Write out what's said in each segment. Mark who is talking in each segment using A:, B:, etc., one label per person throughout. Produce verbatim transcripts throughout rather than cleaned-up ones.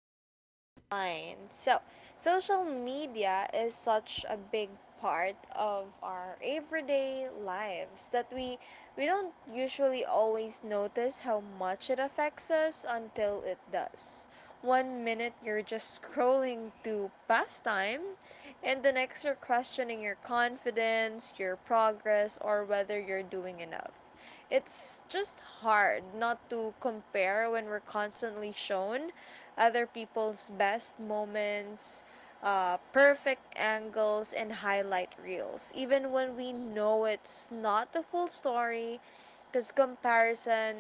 A: your timeline. So, social media is such a big part of our everyday lives that we we don't usually always notice how much it affects us until it does. One minute you're just scrolling to pass time, and the next you're questioning your confidence, your progress, or whether you're doing enough. It's just hard not to compare when we're constantly shown other people's best moments, uh, perfect angles, and highlight reels, even when we know it's not the full story, because comparison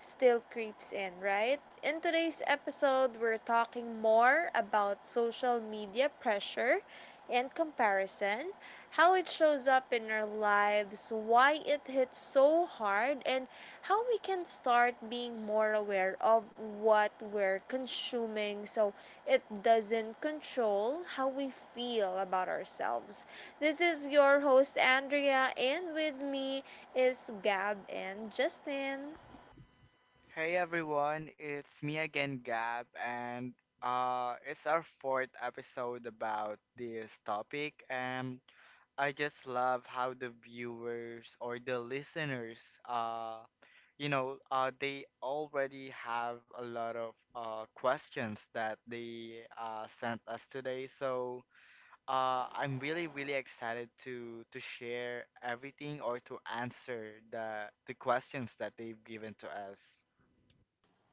A: still creeps in, right? In today's episode, we're talking more about social media pressure and comparison, how it shows up in our lives, why it hits so hard, and how we can start being more aware of what we're consuming so it doesn't control how we feel about ourselves. This is your host, Andrea, and with me is Gab and Justin.
B: Hey everyone, it's me again, Gab, and uh, it's our fourth episode about this topic, and I just love how the viewers or the listeners, uh, you know, uh, they already have a lot of uh, questions that they uh, sent us today. So uh, I'm really, really excited to to share everything or to answer the the questions that they've given to us.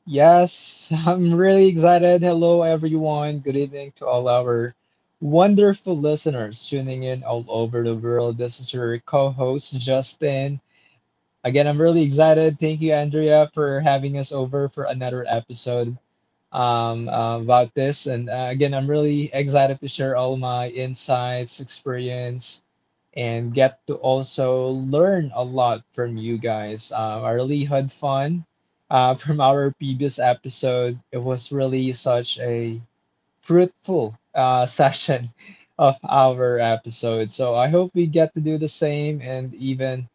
C: Yes, I'm really excited. Hello, everyone. Good evening to all our wonderful listeners tuning in all over the world. This is your co host, Justin. Again, I'm really excited. Thank you, Andrea, for having us over for another episode um, uh, about this. And uh, again, I'm really excited to share all my insights, experience, and get to also learn a lot from you guys. Um, I really had fun uh, from our previous episode. It was really such a fruitful uh, session of our episode. So I hope we get to do the same and even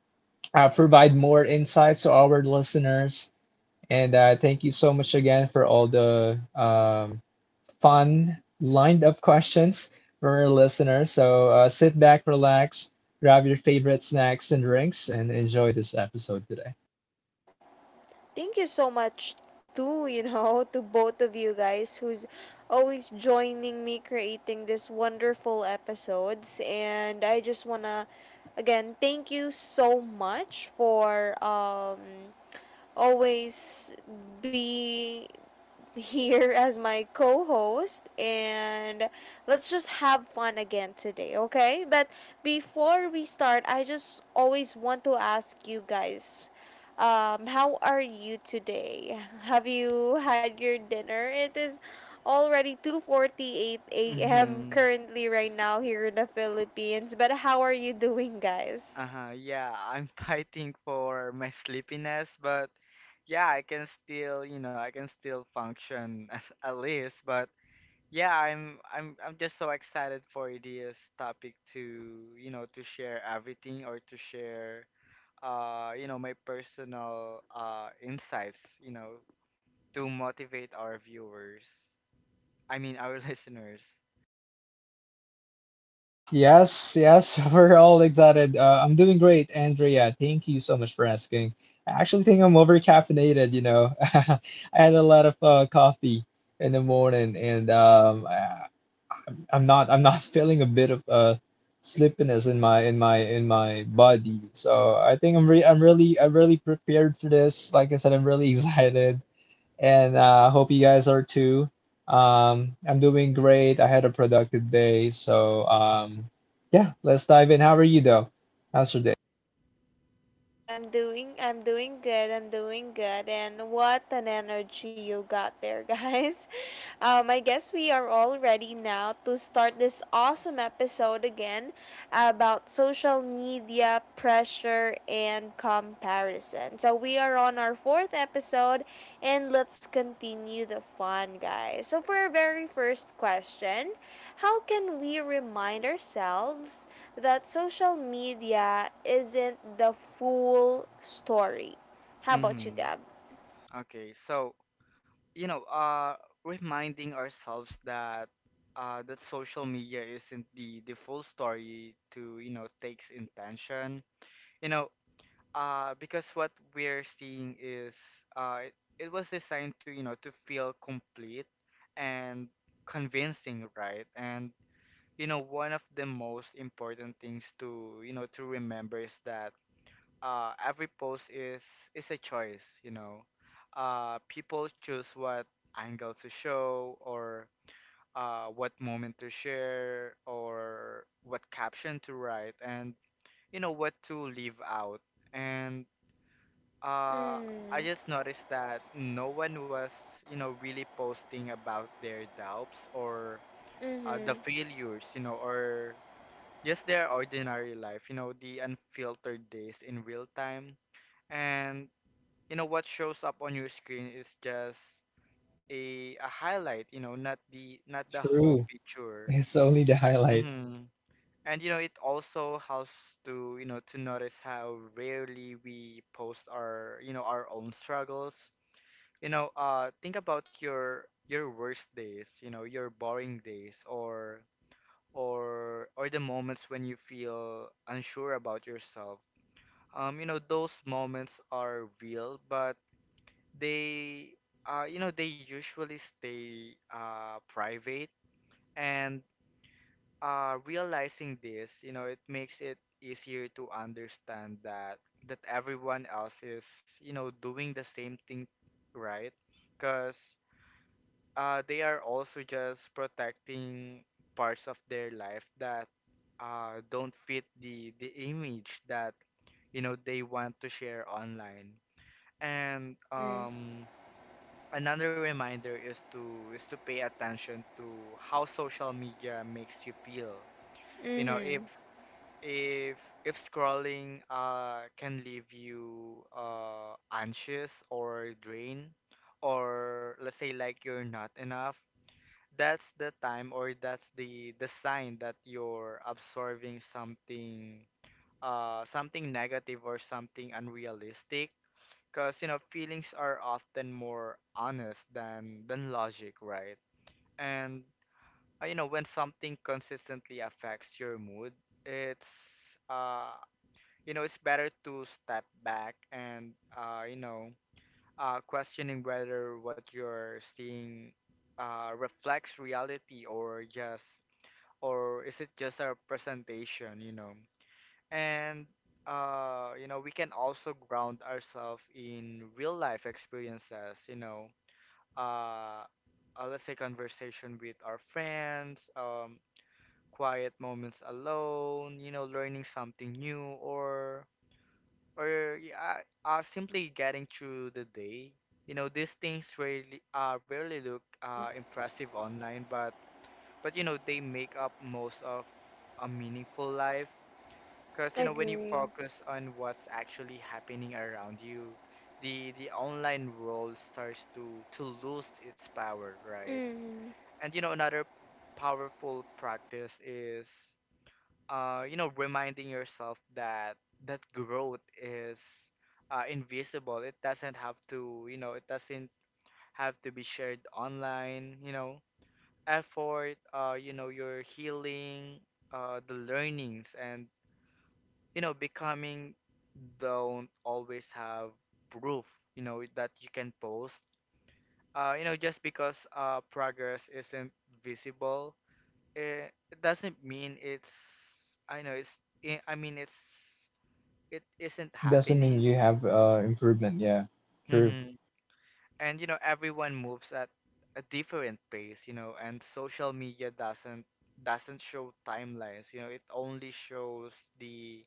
C: uh, provide more insights to our listeners and uh, thank you so much again for all the um, fun lined up questions from our listeners. So uh, sit back, relax, grab your favorite snacks and drinks, and enjoy this episode today.
A: Thank you so much too, you know, to both of you guys who's always joining me creating this wonderful episodes, and I just want to again thank you so much for um always be here as my co host, and let's just have fun again today, okay? But before we start, I just always want to ask you guys, um, how are you today? Have you had your dinner? It is already two forty-eight a m
B: Mm-hmm.
A: currently right now here in the Philippines. But how are you doing, guys?
B: Uh-huh. Yeah, I'm fighting for my sleepiness, but yeah, I can still, you know, I can still function as at least, but yeah, I'm I'm I'm just so excited for this topic to, you know, to share everything or to share uh, you know, my personal uh insights, you know, to motivate our viewers. I mean, our listeners.
C: Yes, yes, we're all excited. Uh, I'm doing great, Andrea. Thank you so much for asking. I actually think I'm over caffeinated, you know. I had a lot of uh, coffee in the morning, and um, I I'm not I'm not feeling a bit of uh slippiness in my in my in my body. So I think I'm re I'm really I'm really prepared for this. Like I said, I'm really excited and uh hope you guys are too. Um I'm doing great. I had a productive day. So um yeah, let's dive in. How are you though? How's your day?
A: I'm doing I'm doing good. I'm doing good. And what an energy you got there, guys. Um I guess we are all ready now to start this awesome episode again about social media pressure and comparison. So so we are on our fourth episode, and let's continue the fun, guys. So for our very first question, how can we remind ourselves that social media isn't the full story? How about you,
B: Mm-hmm.
A: Gab?
B: Okay, so you know, uh, reminding ourselves that uh, that social media isn't the the full story to you know takes intention. You know, uh, because what we're seeing is uh, it, it was designed to you know to feel complete and convincing, right? And you know, one of the most important things to you know to remember is that uh, every post is is a choice, you know. Uh, people choose what angle to show or uh, what moment to share or what caption to write and you know what to leave out. And uh, I
A: Mm.
B: just noticed that no one was, you know, really posting about their doubts or uh, the
A: Mhm.
B: failures, you know, or just their ordinary life, you know, the unfiltered days in real time, and you know what shows up on your screen is just a a highlight you know not the not the whole
C: True.
B: picture.
C: It's only the highlight.
B: hmm and you know it also helps to you know to notice how rarely we post our you know our own struggles. You know uh think about your your worst days, you know your boring days, or or or the moments when you feel unsure about yourself. Um you know those moments are real, but they uh you know they usually stay uh private. And uh realizing this, you know it makes it easier to understand that that everyone else is you know doing the same thing, right? Because uh they are also just protecting parts of their life that uh don't fit the the image that you know they want to share online. And
A: Mhm.
B: um another reminder is to is to pay attention to how social media makes you feel. You know if
A: Mhm.
B: if if scrolling uh can leave you uh anxious or drained, or let's say like you're not enough, that's the time, or that's the the sign that you're absorbing something uh something negative or something unrealistic. Because you know feelings are often more honest than than logic, right? And uh, you know when something consistently affects your mood, it's uh you know it's better to step back and uh you know uh questioning whether what you're seeing uh reflects reality, or just or is it just a presentation you know And uh, you know, we can also ground ourselves in real life experiences, you know, uh, uh, let's say conversation with our friends, um, quiet moments alone, you know, learning something new, or or yeah, uh, uh, simply getting through the day. You know, these things really uh, rarely look uh, impressive online, but but you know, they make up most of a meaningful life, because you know when you
A: Agree.
B: focus on what's actually happening around you, the the online world starts to to lose its power, right?
A: Mhm.
B: And you know another powerful practice is uh you know reminding yourself that that growth is uh, invisible. It doesn't have to, you know, it doesn't have to be shared online, you know. Effort, uh, you know, your healing, uh, the learnings, and you know becoming don't always have proof you know that you can post uh you know just because uh progress isn't visible, it, it doesn't mean it's I know it's I I mean it's it isn't
C: Doesn't mean
B: happening.
C: you have uh improvement, yeah. True.
B: hmm and you know everyone moves at a different pace, you know and social media doesn't doesn't show timelines, you know it only shows the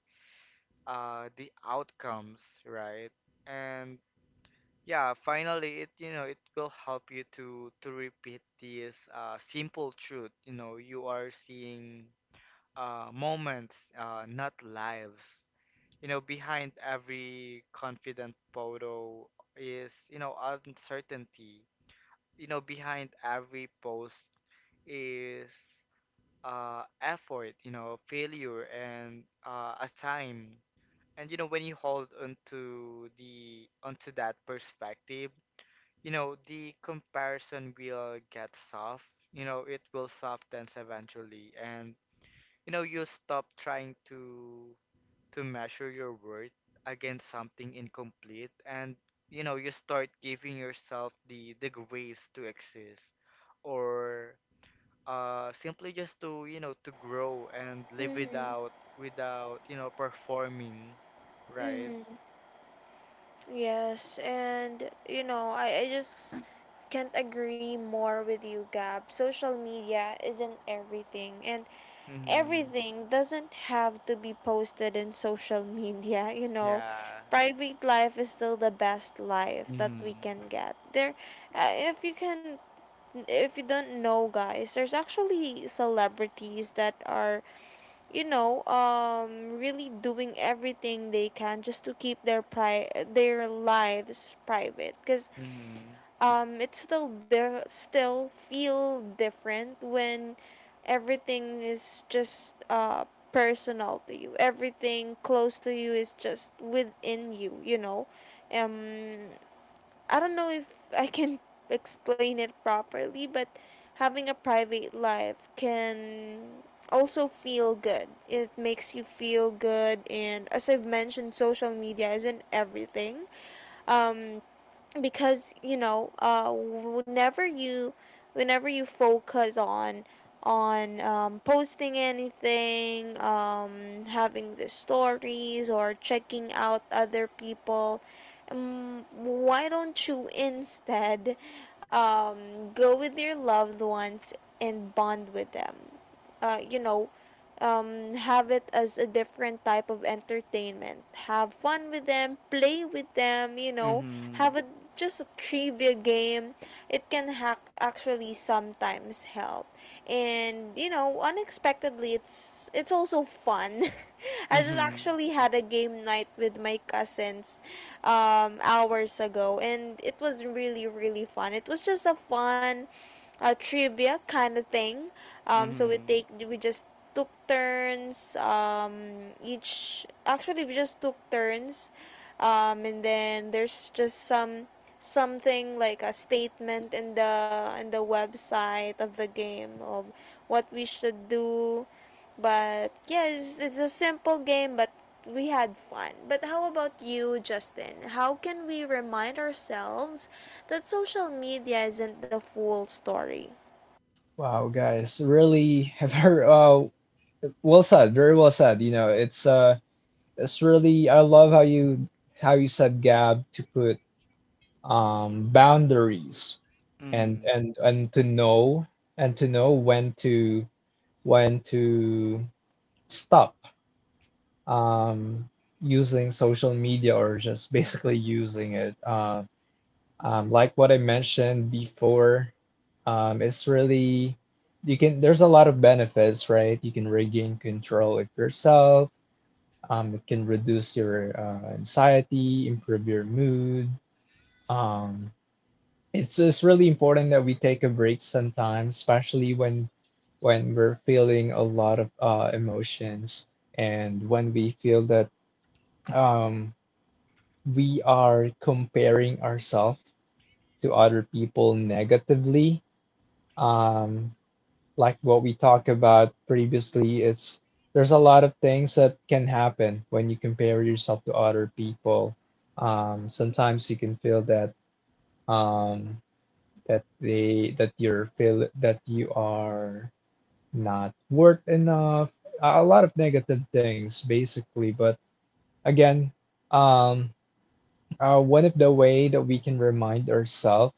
B: uh the outcomes, right? And yeah, finally, it you know it will help you to to repeat this uh, simple truth. You know, you are seeing uh, moments, uh, not lives. You know, behind every confident photo is you know uncertainty. You know, behind every post is uh, effort. You know, failure and uh, a time. And you know, when you hold onto the onto that perspective, you know, the comparison will get soft. You know, it will soften eventually, and you know, you stop trying to to measure your worth against something incomplete, and you know, you start giving yourself the the grace to exist, or uh, simply just to you know to grow and live
A: Mhm.
B: without without you know performing, right?
A: Mhm. Yes, and you know, I, I just can't agree more with you, Gab. Social media isn't everything, and
B: Hmm,
A: everything doesn't have to be posted in social media, you know.
B: yeah.
A: Private life is still the best life that we
B: Hmm.
A: can get. There, uh, if you can, if you don't know, guys, there's actually celebrities that are, you know, um, really doing everything they can just to keep their pri- their lives private. Cause
B: Hmm.
A: um, it still there still feel different when everything is just uh personal to you. Everything close to you is just within you. You know, um, I don't know if I can explain it properly, but having a private life can also feel good. It makes you feel good, and as I've mentioned, social media isn't everything. Um, because you know, uh, whenever you whenever you focus on on um, posting anything, um, having the stories or checking out other people, um, why don't you instead, um, go with your loved ones and bond with them. Uh, you know, um, have it as a different type of entertainment, have fun with them, play with them, you know, have
B: Hmm.
A: a just a trivia game. It can hack actually sometimes help, and you know, unexpectedly, it's it's also fun. I just
B: Mhm,
A: actually had a game night with my cousins um hours ago, and it was really really fun. It was just a fun uh, trivia kind of thing. Um so we
B: mhm,
A: take we just took turns, um each actually we just took turns, um, and then there's just some something like a statement in the in the website of the game of what we should do. But yeah, it's, it's a simple game, but we had fun. But how about you, Justin, how can we remind ourselves that social media isn't the full story?
C: Wow, guys, really have heard uh Well said, very well said. You know, it's uh it's really I love how you how you said Gab to put um boundaries and
B: mhm,
C: and and to know and to know when to when to stop um using social media or just basically using it. Uh, um like what I mentioned before, um it's really you can there's a lot of benefits, right? You can regain control of yourself. Um, it can reduce your uh, anxiety, improve your mood. Um, it's it's really important that we take a break sometimes, especially when when we're feeling a lot of uh, emotions and when we feel that um, we are comparing ourselves to other people negatively. Um, like what we talked about previously, it's there's a lot of things that can happen when you compare yourself to other people. Um, sometimes you can feel that um, that they that you're feel that you are not worth enough. A a lot of negative things, basically. But again, um, uh, one of the way that we can remind ourselves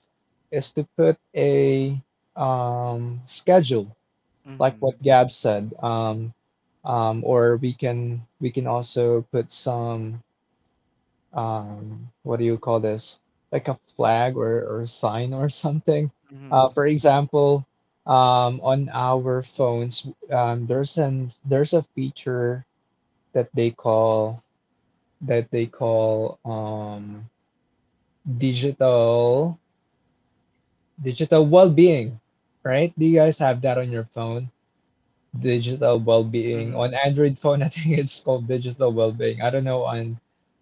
C: is to put a um, schedule like what
B: mhm,
C: Gab said. Um, um, or we can we can also put some um, what do you call this? Like a flag or or a sign or something. Uh,
B: mhm,
C: for example, um, on our phones, um, there's an there's a feature that they call that they call um, digital digital well-being, right? Do you guys have that on your phone? Digital well-being. On
B: mhm,
C: Android phone, I think it's called digital well-being. I don't know on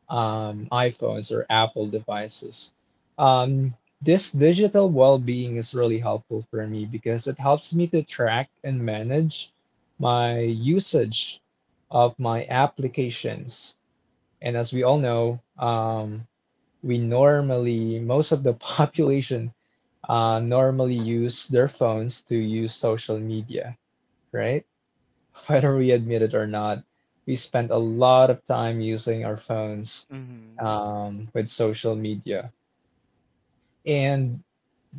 C: um, iPhones or Apple devices. Um, this digital well-being is really helpful for me because it helps me to track and manage my usage of my applications. And as we all know, um, we normally, most of the population uh, normally use their phones to use social media, right? Whether we admit it or not, we spend a lot of time using our phones
B: mhm,
C: um, with social media. And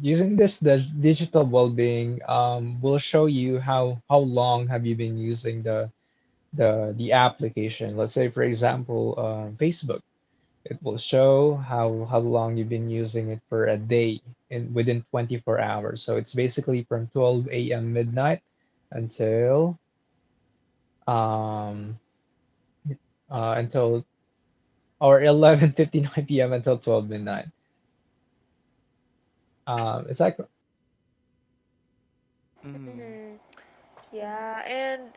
C: using this dig- digital well-being um, will show you how how long have you been using the the the application. Let's say, for example, uh, Facebook. It will show how how long you've been using it for a day in within twenty-four hours. So it's basically from twelve a m midnight until um uh, until or eleven fifty-nine p m until twelve midnight. Um, it's like
B: mhm,
A: Mm-hmm. Yeah, and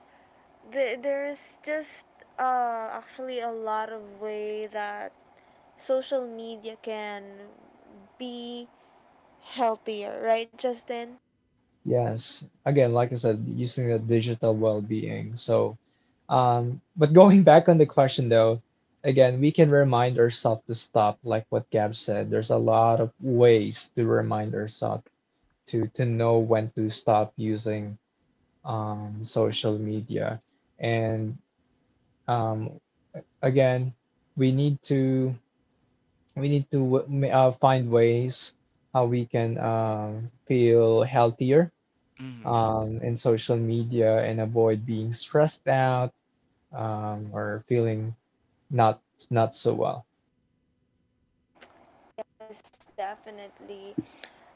A: th- there's just uh, actually a lot of way that social media can be healthier, right, Justin?
C: yes, again, like I said, using the digital well-being. So, um, but going back on the question though, again, we can remind ourselves to stop, like what Gab said. There's a lot of ways to remind ourselves to to know when to stop using um, social media, and um, again, we need to we need to uh, find ways how we can um, feel healthier
B: mhm,
C: um, in social media and avoid being stressed out um, or feeling not not so well.
A: Yes, definitely.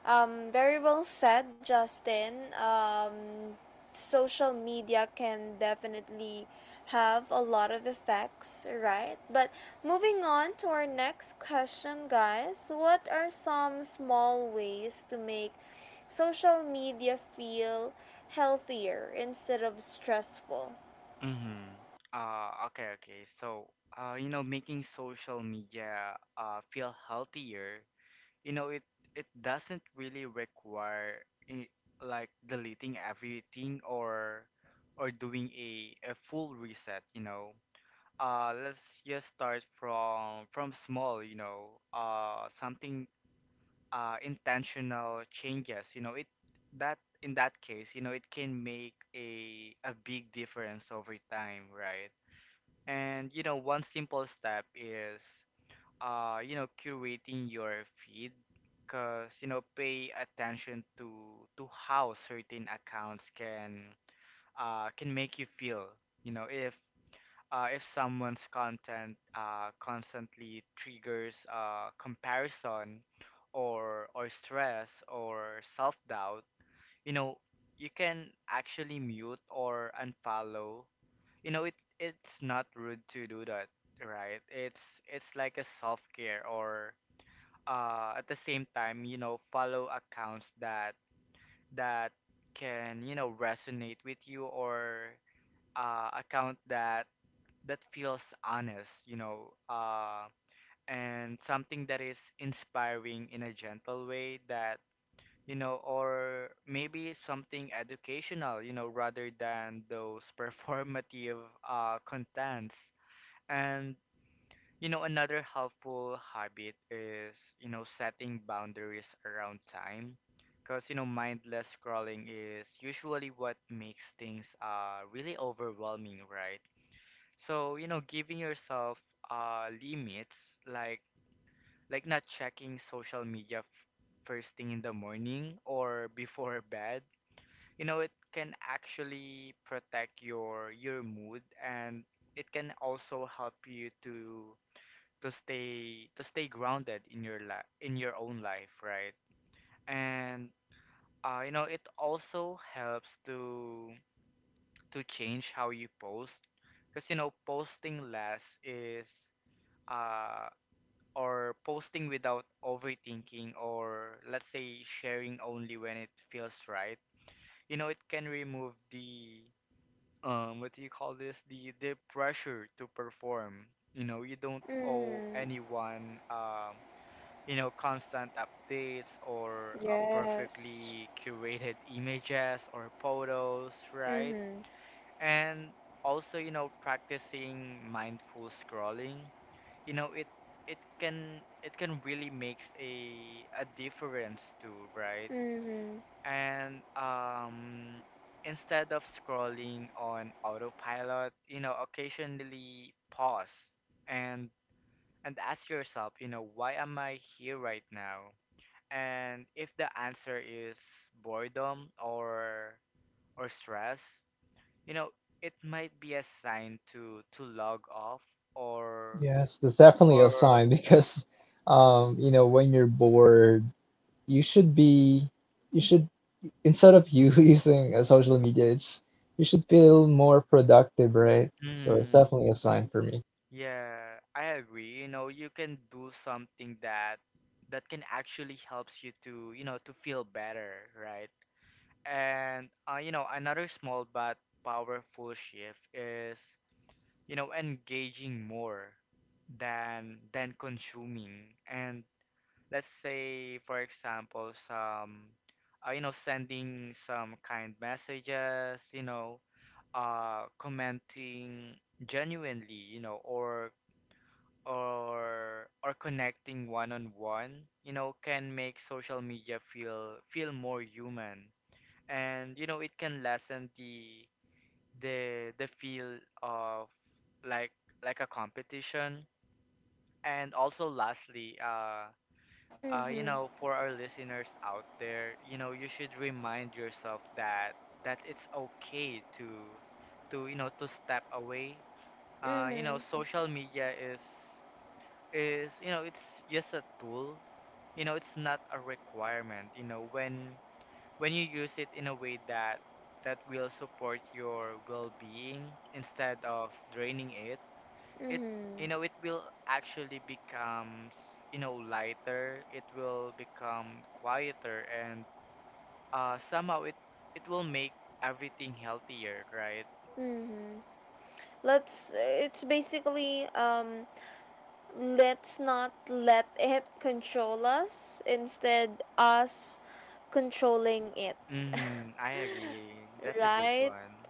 A: Um, very well said, Justin. Um, social media can definitely have a lot of effects, right? But moving on to our next question, guys. What are some small ways to make social media feel healthier instead of stressful?
B: mhm. Uh, okay, okay. So, uh, you know, making social media uh feel healthier, you know, it it doesn't really require i- like deleting everything, or or doing a a full reset, you know. Uh, let's just start from from small, you know. Uh, something uh, intentional changes, you know, it that in that case, you know, it can make a a big difference over time, right? And you know, one simple step is uh, you know, curating your feed, because you know, pay attention to to how certain accounts can uh can make you feel, you know, if uh, if someone's content uh, constantly triggers uh, comparison, or or stress, or self-doubt, you know, you can actually mute or unfollow. You know, it it's not rude to do that, right? It's it's like a self-care, or uh, at the same time, you know, follow accounts that that can, you know, resonate with you, or uh, account that that feels honest, you know, uh, and something that is inspiring in a gentle way that, you know, or maybe something educational, you know, rather than those performative uh, contents. And, you know, another helpful habit is, you know, setting boundaries around time. Because, you know, mindless scrolling is usually what makes things uh, really overwhelming, right? So, you know, giving yourself uh limits, like like not checking social media f first thing in the morning or before bed, you know, it can actually protect your your mood, and it can also help you to to stay to stay grounded in your life in your own life, right? And uh, you know, it also helps to to change how you post, because you know posting less is uh, or posting without overthinking, or let's say sharing only when it feels right, you know it can remove the, um what do you call this, the the pressure to perform. You know you don't owe
A: Mm-hmm.
B: anyone um you know constant updates, or a
A: Yes.
B: perfectly curated images or photos, right?
A: Mhm.
B: And also you know practicing mindful scrolling, you know it it can it can really makes a a difference too, right?
A: Mhm.
B: And um instead of scrolling on autopilot, you know occasionally pause, and and ask yourself, you know why am I here right now? And if the answer is boredom or or stress, you know it might be a sign to to log off. Or
C: Yes, that's definitely a
B: or
C: sign because um, you know when you're bored, you should be you should instead of you using uh, social media, it's you should feel more productive, right? So it's
B: Mhm.
C: definitely a sign for me.
B: Yeah, I agree. You know, you can do something that that can actually helps you to, you know, to feel better, right? And uh, you know, another small but powerful shift is, you know, engaging more than than consuming. And let's say, for example, some, uh, you know, sending some kind messages, you know, uh, commenting genuinely, you know, or or or connecting one on one, you know, can make social media feel feel more human. And you know, it can lessen the the the feel of like like a competition. And also lastly, uh uh you
A: Mhm.
B: know, for our listeners out there, you know, you should remind yourself that that it's okay to to you know to step away. Uh you know,
A: Mhm.
B: social media is is, you know, it's just a tool. You know, it's not a requirement. You know, when when you use it in a way that that will support your well-being instead of draining it, it you
A: Mhm.
B: know, it will actually becomes, you know, lighter. It will become quieter, and uh somehow it it will make everything healthier, right?
A: Mhm. Let's it's basically um let's not let it control us instead us controlling it.
B: Mm-hmm. I agree. That's a good
A: Right?
B: one.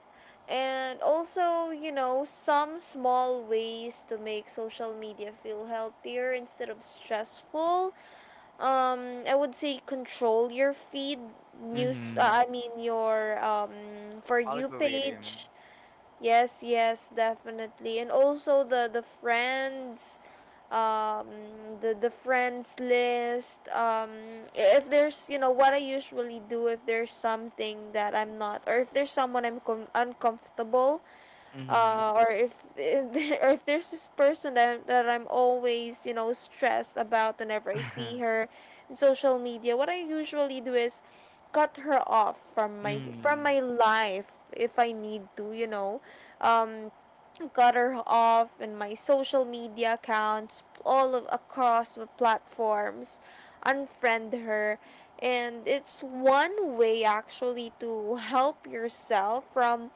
A: And also, you know, some small ways to make social media feel healthier instead of stressful, um I would say control your feed news, uh,
B: Mm-hmm.
A: I mean your um for you
B: Algorithm.
A: page. Yes, yes, definitely. And also the the friends, um the the friends list, um if there's, you know, what I usually do, if there's something that I'm not, or if there's someone I'm com- uncomfortable,
B: Mm-hmm.
A: uh, or if or if there's this person that, that I'm always you know stressed about whenever I see her in social media, what I usually do is cut her off from my from
B: Mm.
A: my life if I need to, you know, um, got her off in my social media accounts, all of, across the platforms, unfriend her. And it's one way actually to help yourself from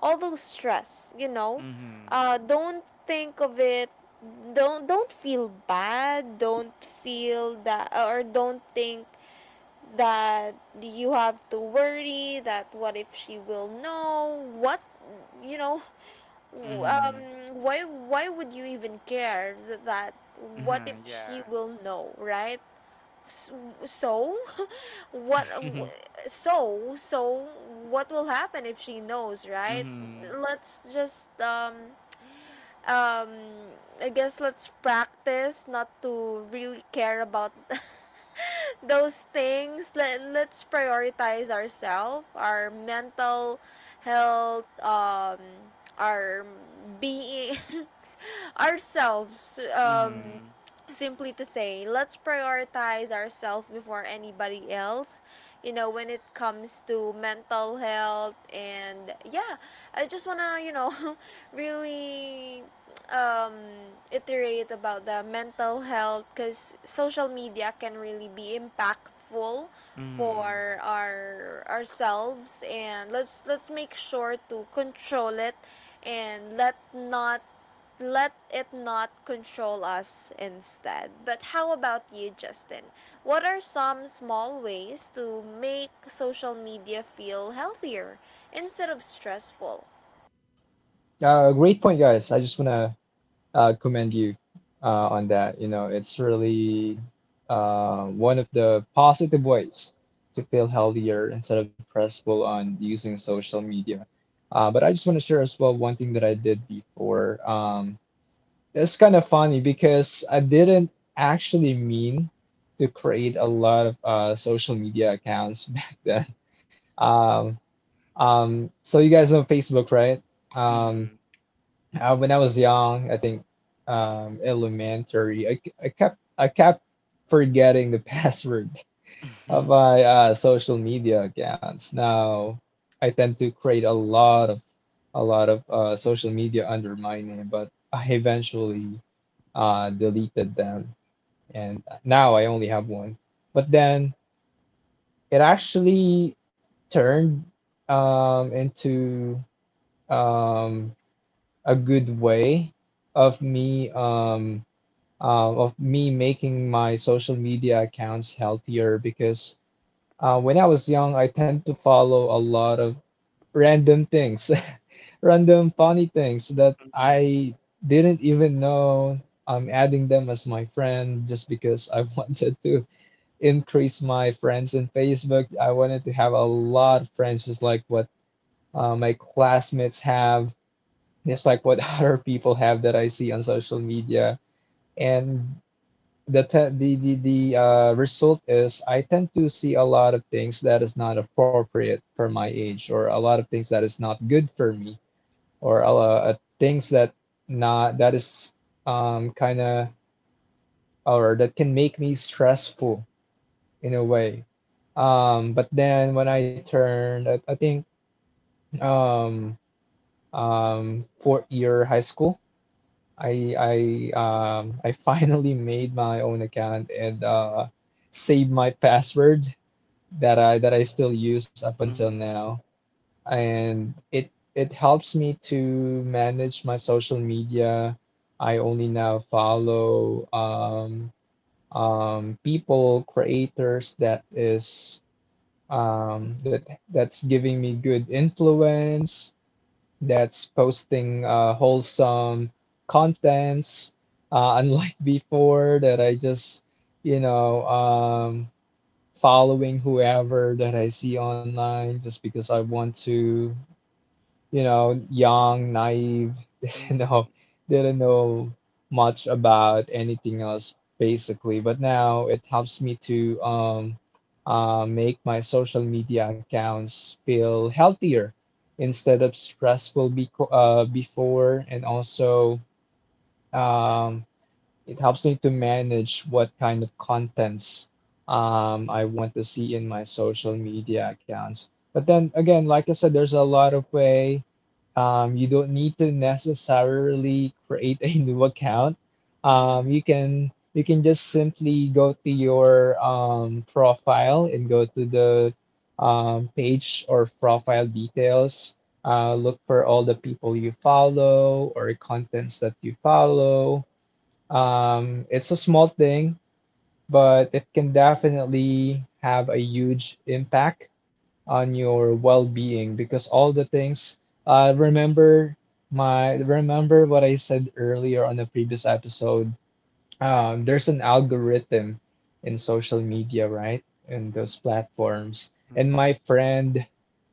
A: all those stress, you know.
B: Mhm.
A: Uh, don't think of it, don't don't feel bad, don't feel that, or don't think that you have to worry that what if she will know what, you know. W- Um,
B: Mhm.
A: why why would you even care th- that? What
B: Huh.
A: if
B: Yeah.
A: she will know, right? S- So, what? w- So so what will happen if she knows, right?
B: Mhm.
A: Let's just um um I guess let's practice not to really care about those things. Let, let's prioritize ourselves, our mental health, um, our being, ourselves. Um,
B: Mhm.
A: simply to say, let's prioritize ourselves before anybody else. You know, when it comes to mental health, and yeah, I just wanna, you know, really um, iterate about the mental health, because social media can really be impactful
B: Mhm.
A: for our ourselves. And let's let's make sure to control it and let not let it not control us instead. But how about you, Justin? What are some small ways to make social media feel healthier instead of stressful?
C: Uh, great point, guys. I just wanna uh, commend you uh, on that. You know, it's really uh, one of the positive ways to feel healthier instead of pressful on using social media. Uh, but I just want to share as well one thing that I did before. Um, it's kind of funny because I didn't actually mean to create a lot of uh, social media accounts back then. Um, um, so you guys know Facebook, right?
B: Mhm.
C: Um. Uh, when I was young, I think um, elementary, I, I kept I kept forgetting the password of
B: Mhm.
C: my uh, social media accounts. Now I tend to create a lot of a lot of uh, social media under my name, but I eventually uh, deleted them, and now I only have one. But then it actually turned um, into um, a good way of me um, uh, of me making my social media accounts healthier because uh, when I was young, I tend to follow a lot of random things, random funny things that
B: Mhm.
C: I didn't even know I'm adding them as my friend just because I wanted to increase my friends in Facebook. I wanted to have a lot of friends, just like what uh, my classmates have, just like what other people have that I see on social media. And the te- the the, the uh, result is I tend to see a lot of things that is not appropriate for my age, or a lot of things that is not good for me, or a lot of things that not that is um kind of or that can make me stressful in a way. Um, but then when I turned, I, I think um um fourth year high school, I I um I finally made my own account and uh saved my password that I that I still use up until
B: Mhm.
C: now, and it it helps me to manage my social media. I only now follow um, um, people, creators that is um, that that's giving me good influence, that's posting uh, wholesome contents, uh, unlike before that I just you know um, following whoever that I see online just because I want to, you know, young, naive, you
B: Mhm.
C: know, didn't know much about anything else basically. But now it helps me to um, uh, make my social media accounts feel healthier instead of stressful beco- uh, before and also. Um, it helps me to manage what kind of contents um, I want to see in my social media accounts. But then again, like I said, there's a lot of way. Um, you don't need to necessarily create a new account.
B: Mhm. Mhm.
C: Um, you can you can just simply go to your um, profile and go to the um, page or profile details. Uh, look for all the people you follow or contents that you follow. Um, it's a small thing, but it can definitely have a huge impact on your well-being because all the things uh, remember my remember what I said earlier on the previous episode um, there's an algorithm in social media, right? In those platforms. And my friend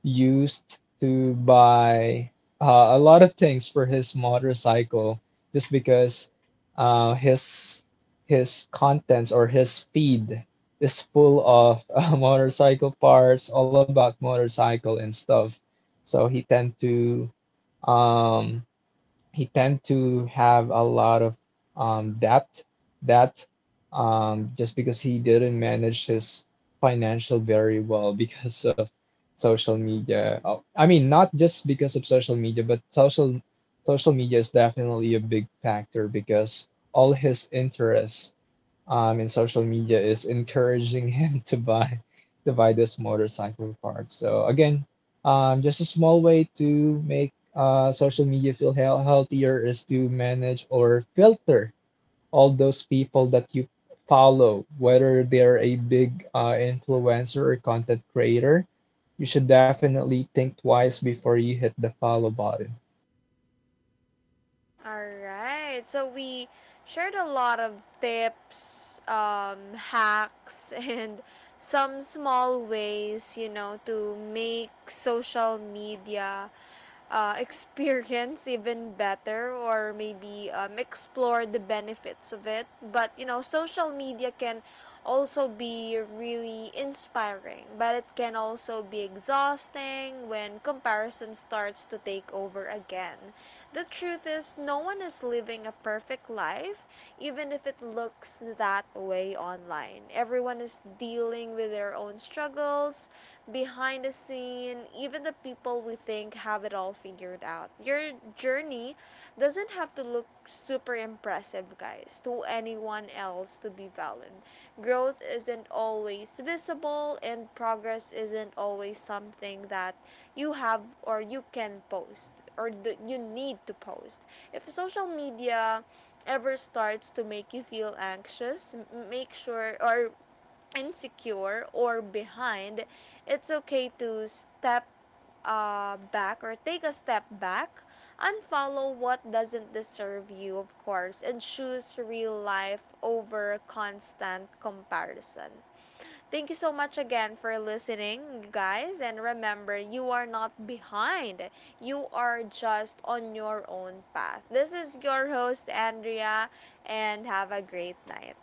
C: used to buy uh, a lot of things for his motorcycle just because uh, his his contents or his feed is full of uh, motorcycle parts, all about motorcycle and stuff. So he tend to um, he tend to have a lot of um, debt debt um, just because he didn't manage his financial very well because of social media. Oh, I mean, not just because of social media, but social social media is definitely a big factor because all his interests um, in social media is encouraging him to buy to buy this motorcycle part. So again, um, just a small way to make uh, social media feel heal- healthier is to manage or filter all those people that you follow, whether they're a big uh, influencer or content creator. You should definitely think twice before you hit the follow button.
A: All right. So we shared a lot of tips, um, hacks, and some small ways, you know, to make social media uh, experience even better, or maybe um, explore the benefits of it. But, you know, social media can also be really inspiring, but it can also be exhausting when comparison starts to take over again. The truth is, no one is living a perfect life, even if it looks that way online. Everyone is dealing with their own struggles behind the scene, even the people we think have it all figured out. Your journey doesn't have to look super impressive, guys, to anyone else to be valid. Growth isn't always visible, and progress isn't always something that you have, or you can post, or the, you need to post. If social media ever starts to make you feel anxious, make sure, or insecure, or behind, it's okay to step uh, back, or take a step back, unfollow what doesn't deserve you, of course, and choose real life over constant comparison. Thank you so much again for listening, guys. And remember, you are not behind, you are just on your own path. This is your host, Andrea, and have a great night.